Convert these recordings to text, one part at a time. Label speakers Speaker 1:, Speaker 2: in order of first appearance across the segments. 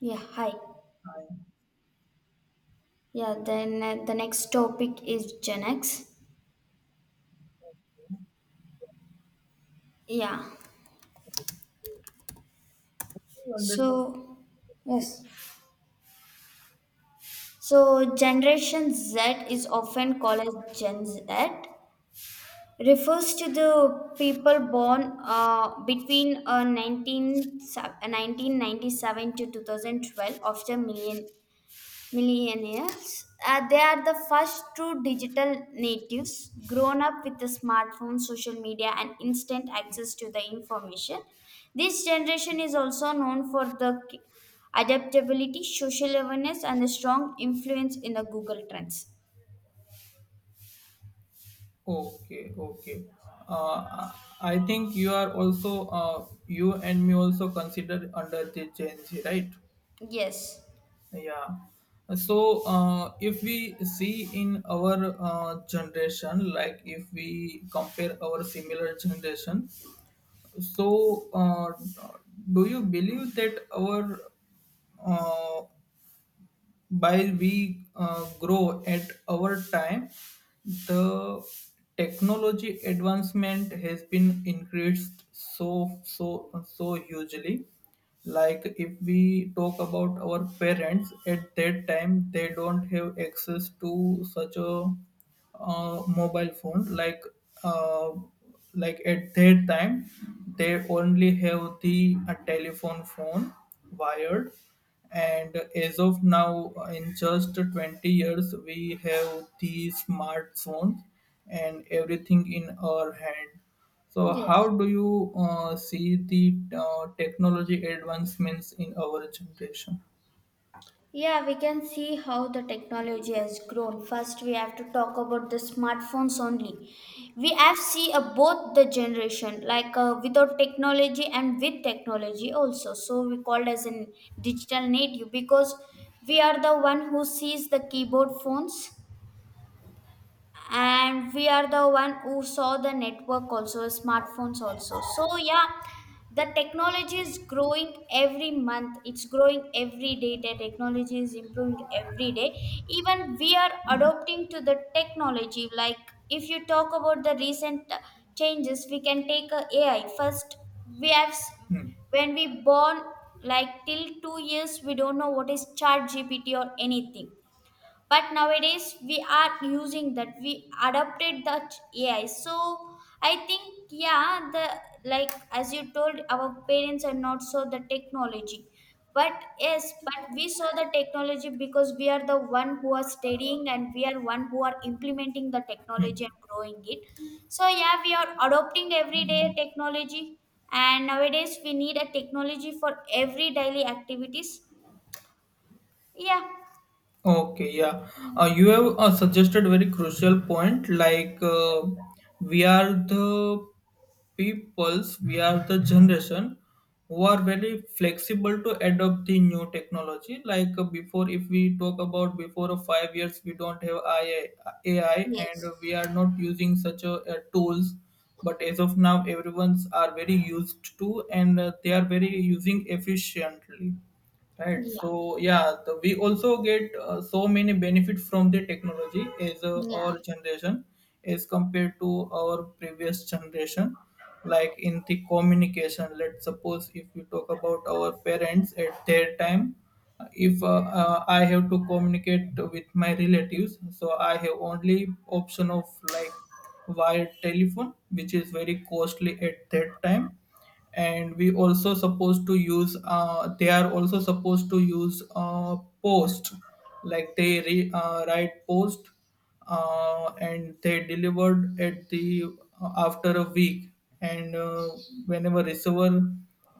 Speaker 1: Yeah, hi. Yeah, then the next topic is Gen X. Yeah.
Speaker 2: You understand?
Speaker 1: So, yes. So, Generation Z is often called as Gen Z, refers to the people born between 1997 to 2012 of the millennium Millennials, they are the first true digital natives grown up with the smartphone, social media, and instant access to the information. This generation is also known for the adaptability, social awareness, and the strong influence in the Google Trends.
Speaker 2: Okay, okay. Uh, I think you are also you and me also considered under the Gen Z, right?
Speaker 1: Yes,
Speaker 2: Yeah. So if we see in our generation, like if we compare our similar generation, so uh, do you believe that our uh, while we grow at our time, the technology advancement has been increased so hugely. Like if we talk about our parents at that time, they don't have access to such a mobile phone uh, like at that time they only have the telephone phone wired, and as of now in just 20 years we have the smartphones and everything in our hand. So how
Speaker 1: yes.
Speaker 2: do you see the technology advancements in our generation?
Speaker 1: Yeah, we can see how the technology has grown. First, we have to talk about the smartphones only. We have see both the generation, like without technology and with technology also. So we called as in digital native because we are the one who sees the keyboard phones, and we are the one who saw the network also, smartphones also. So yeah, the technology is growing. Every month it's growing, every day the technology is improving every day. Even we are adopting to the technology, like if you talk about the recent changes, we can take a ai first. we have s-
Speaker 2: Hmm.
Speaker 1: when we born, like till 2 years we don't know what is chat gpt or anything, but nowadays we are using that. We adopted that ai. So I think yeah, the like as you told our parents are not so the technology, but yes, but we saw the technology because we are the one who are studying and we are one who are implementing the technology and growing it. So yeah, we are adopting everyday technology, and nowadays we need a technology for every daily activities. Yeah.
Speaker 2: Okay, yeah. You have suggested very crucial point, like we are the peoples, we are the generation who are very flexible to adopt the new technology. Like before, if we talk about before 5 years, we don't have AI, AI, and we
Speaker 1: Yes.
Speaker 2: are not using such tools. But as of now, everyone's are very used to, and they are very using efficiently. Right.
Speaker 1: Yeah.
Speaker 2: So yeah, the, we also get so many benefit from the technology as
Speaker 1: Yeah.
Speaker 2: our generation as compared to our previous generation. Like in the communication, let's suppose if we talk about our parents at their time, if I have to communicate with my relatives, so I have only option of like via telephone, which is very costly at that time. And we also supposed to use they are also supposed to use post, like they write post, and they delivered at the after a week. And whenever receiver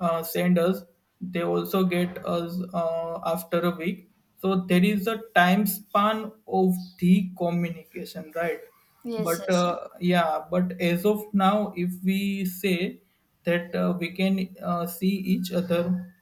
Speaker 2: send us, they also get us after a week. So there is a time span of the communication, right?
Speaker 1: Yes.
Speaker 2: But yeah, but as of now, if we say that we can see each other,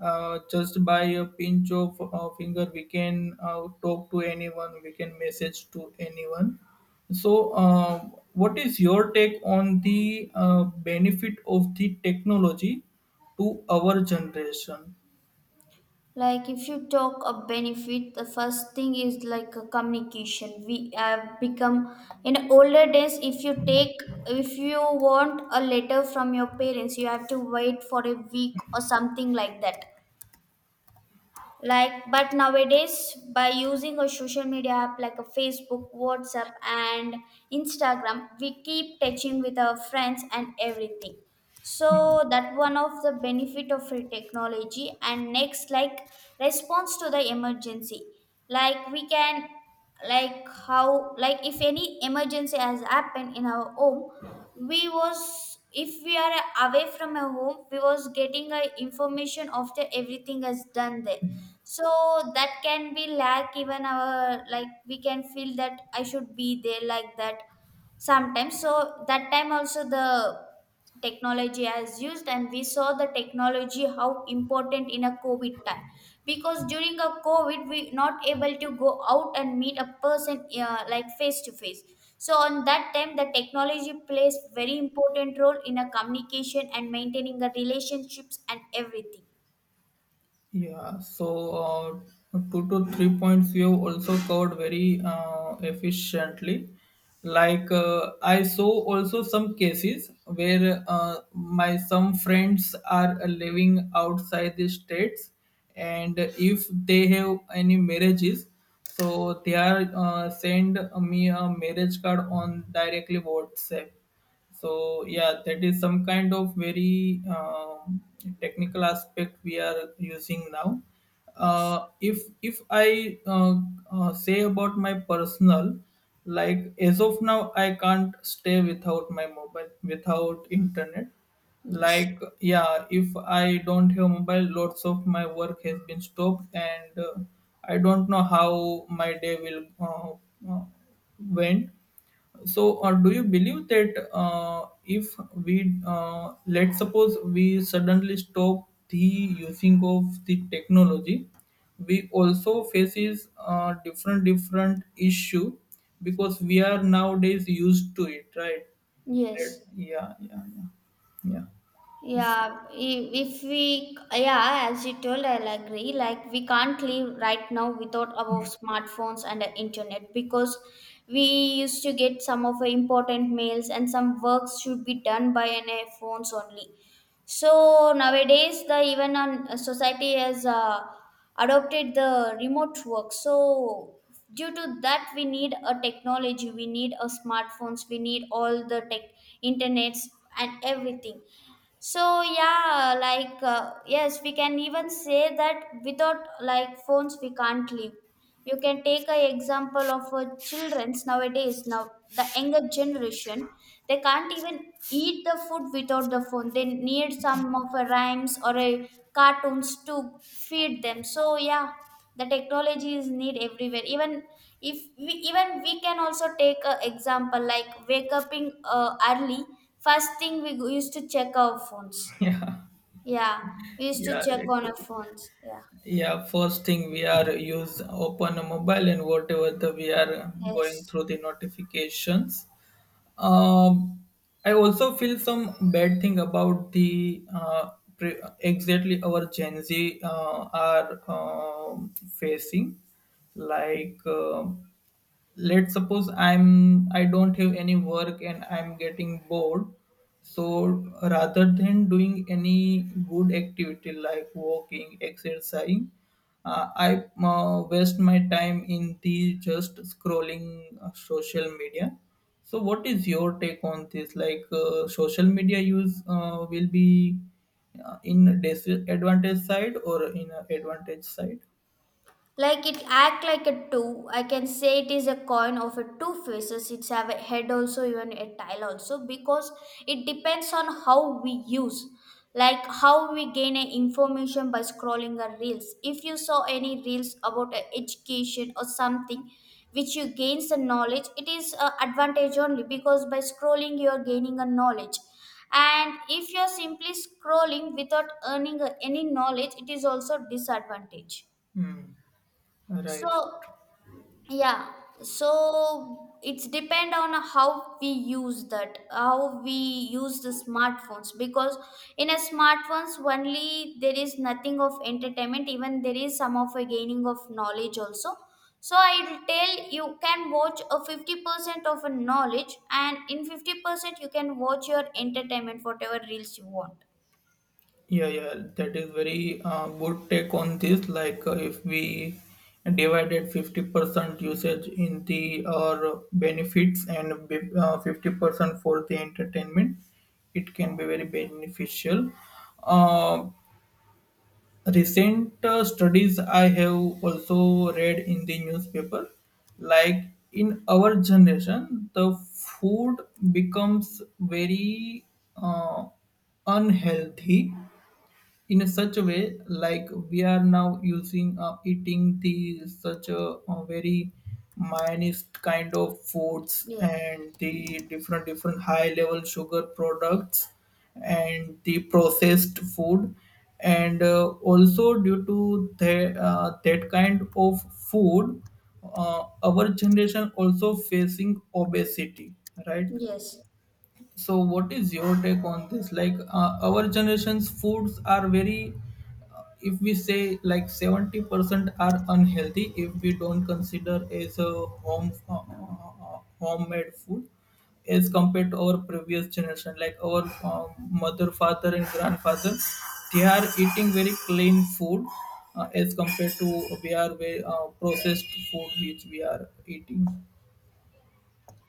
Speaker 2: just by a pinch of finger, we can talk to anyone, we can message to anyone. So what is your take on the benefit of the technology to our generation?
Speaker 1: Like if you talk a benefit, the first thing is like a communication. We have become in older days. If you take, if you want a letter from your parents, you have to wait for a week or something like that. Like, but nowadays, by using a social media app like a Facebook, WhatsApp, and Instagram, we keep touching with our friends and everything. So
Speaker 2: Hmm.
Speaker 1: that one of the benefit of free technology. And next, like response to the emergency. Like, we can, like how, like if any emergency has happened in our home, we was, if we are away from our home, we was getting a information after everything has done there. So that can be like, even our, like we can feel that I should be there, like that sometimes. So that time also the technology has used, and we saw the technology how important in a covid time, because during a covid we not able to go out and meet a person like face to face. So on that time the technology plays very important role in a communication and maintaining the relationships and everything.
Speaker 2: Yeah, so 2 to 3 points you have also covered very efficiently. Like I saw also some cases where my some friends are living outside the states, and if they have any marriages, so they are send me a marriage card on directly WhatsApp. So yeah, that is some kind of very technical aspect we are using now.
Speaker 1: Yes.
Speaker 2: If I say about my personal, like as of now, I can't stay without my mobile, without internet.
Speaker 1: Yes.
Speaker 2: Like yeah, if I don't have mobile, lots of my work has been stopped, and I don't know how my day will uh, went. So do you believe that if we let's suppose we suddenly stop the using of the technology, we also faces different different issue, because we are nowadays used to it, right? Right.
Speaker 1: Yes.
Speaker 2: Yeah, yeah, yeah, yeah. Yes.
Speaker 1: Yeah, if we, yeah, as you told, I'll agree. Like, we can't live right now without our smartphones and the internet, because we used to get some of our important mails, and some works should be done by an phones only. So nowadays, the even on society has adopted the remote work. So due to that, we need a technology, we need a smartphones, we need all the tech, internets, and everything. So yeah, like yes, we can even say that without like phones we can't live. You can take a example of children's nowadays. Now the younger generation, they can't even eat the food without the phone. They need some of a rhymes or a cartoons to feed them. So yeah, the technology is need everywhere. Even if we even we can also take a example, like wake up in early, first thing we used to check our phones.
Speaker 2: Yeah,
Speaker 1: Yeah, we used to
Speaker 2: yeah,
Speaker 1: check on our
Speaker 2: exactly.
Speaker 1: phones. Yeah.
Speaker 2: Yeah, first thing we are use open a mobile and whatever the we are going
Speaker 1: Yes.
Speaker 2: through the notifications. Um, I also feel some bad thing about the exactly our Gen Z are facing, like. Let's suppose I'm I don't have any work and I'm getting bored. So rather than doing any good activity like walking, exercising, I waste my time in the just scrolling social media. So what is your take on this, like social media use will be in disadvantage side or in a advantage side?
Speaker 1: Like it act like a two. I can say it is a coin of a two faces. It's have a head also, even a tail also, because it depends on how we use. Like how we gain a information by scrolling a reels. If you saw any reels about a education or something which you gains the knowledge, it is a advantage only, because by scrolling you are gaining a knowledge. And if you are simply scrolling without earning any knowledge, it is also disadvantage.
Speaker 2: Hmm.
Speaker 1: So
Speaker 2: Right.
Speaker 1: yeah, so it's depend on how we use that, how we use the smartphones, because in a smartphones only there is nothing of entertainment, even there is some of a gaining of knowledge also. So I'll tell you can watch a 50% of a knowledge, and in 50% you can watch your entertainment whatever reels you want.
Speaker 2: Yeah, yeah, that is very good take on this. Like, if we divided 50% usage in the our benefits and 50% for the entertainment, it can be very beneficial. Uh, recent studies I have also read in the newspaper, like in our generation, the food becomes very uh, unhealthy in such a way, like we are now using eating the such a very minest kind of foods and the different different high level sugar products and the processed food. And also due to the, that kind of food, our generation also facing obesity, right?
Speaker 1: Yes.
Speaker 2: So what is your take on this, like our generation's foods are very if we say like 70% are unhealthy if we don't consider as a home homemade food, as compared to our previous generation like our mother father and grandfather, they are eating very clean food as compared to we are very, processed food which we are eating.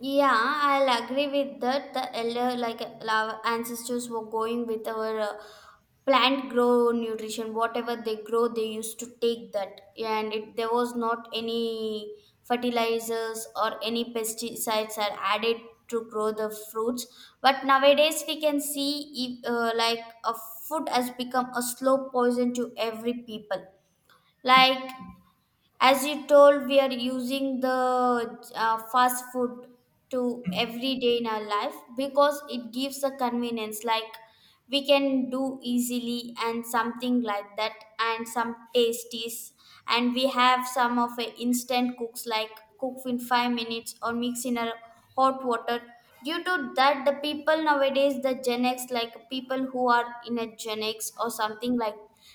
Speaker 1: Yeah, I'll agree with that. The elder, like our ancestors, were going with our plant grow nutrition. Whatever they grow, they used to take that, and it, there was not any fertilizers or any pesticides are added to grow the fruits. But nowadays, we can see if, like a food has become a slow poison to every people. Like as you told, we are using the fast food to every day in our life, because it gives a convenience. Like we can do easily and something like that, and some tasties, and we have some of a instant cooks like cook in 5 minutes or mix in a hot water. Due to that, the people nowadays, the Gen X, like people who are in a Gen X or something like,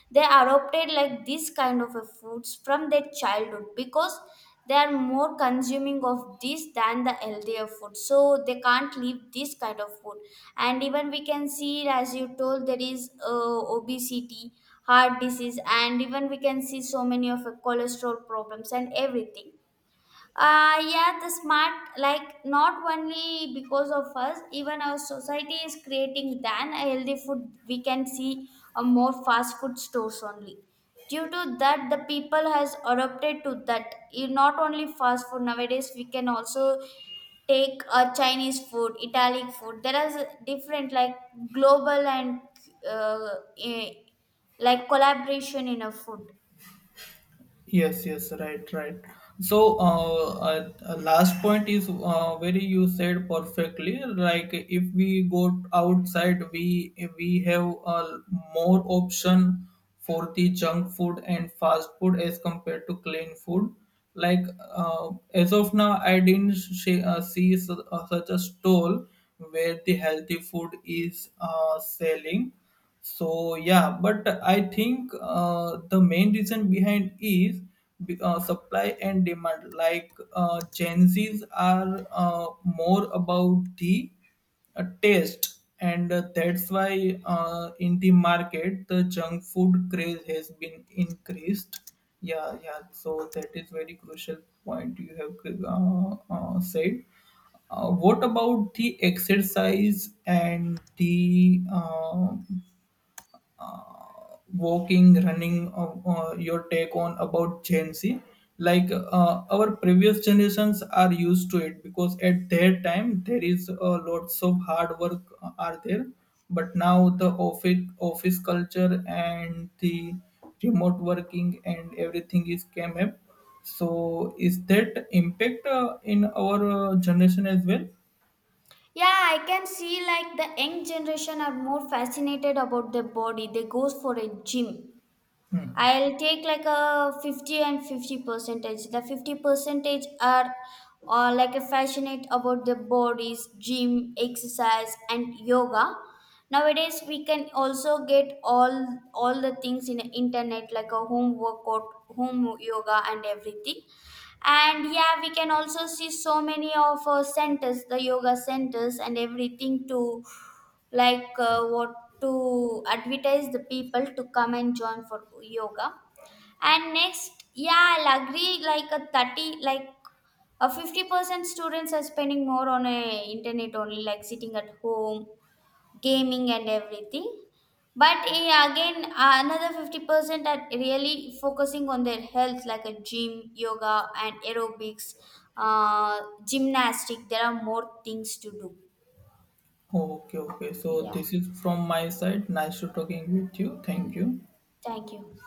Speaker 1: they adopted like this kind of a foods from their childhood, because they are more consuming of this than the healthier food. So they can't leave this kind of food, and even we can see, as you told, there is obesity, heart disease, and even we can see so many of cholesterol problems and everything. Yeah, the smart like not only because of us, even our society is creating than a healthy food. We can see a more fast food stores only. Due to that, the people has adopted to that. Not only fast food, nowadays we can also take a chinese food, italian food. There are different like global and uh, eh, like collaboration in a food.
Speaker 2: Yes, yes, right, right. So, last point is very you said perfectly. Like if we go outside, we have more option for the junk food and fast food as compared to clean food. Like as of now, I didn't see such a stall where the healthy food is selling. So yeah, but I think the main reason behind is supply and demand. Like Gen Zs are more about the taste, and that's why in the market the junk food craze has been increased. Yeah, yeah. So that is very crucial point you have said. What about the exercise and the walking, running, your take on about Gen Z. Like our previous generations are used to it because at their time there is lots of hard work are there, but now the office culture and the remote working and everything is came up. So is that impact in our generation as well?
Speaker 1: Yeah, I can see like the young generation are more fascinated about their body. They goes for a gym. I'll take like a 50-50 percentage. The 50 percentage are like a passionate about the bodies, gym, exercise, and yoga. Nowadays, we can also get all the things in the internet, like a home workout, home yoga, and everything. And yeah, we can also see so many of our centers, the yoga centers, and everything to like what to advertise the people to come and join for yoga. And next yeah, I'll agree like a 30, like a 50% students are spending more on a internet only, like sitting at home, gaming and everything. But again, another 50% are really focusing on their health, like a gym, yoga and aerobics, uh, gymnastic. There are more things to do.
Speaker 2: Okay, okay. So
Speaker 1: Yeah,
Speaker 2: this is from my side. Nice to talking with you. Thank you.
Speaker 1: thank you.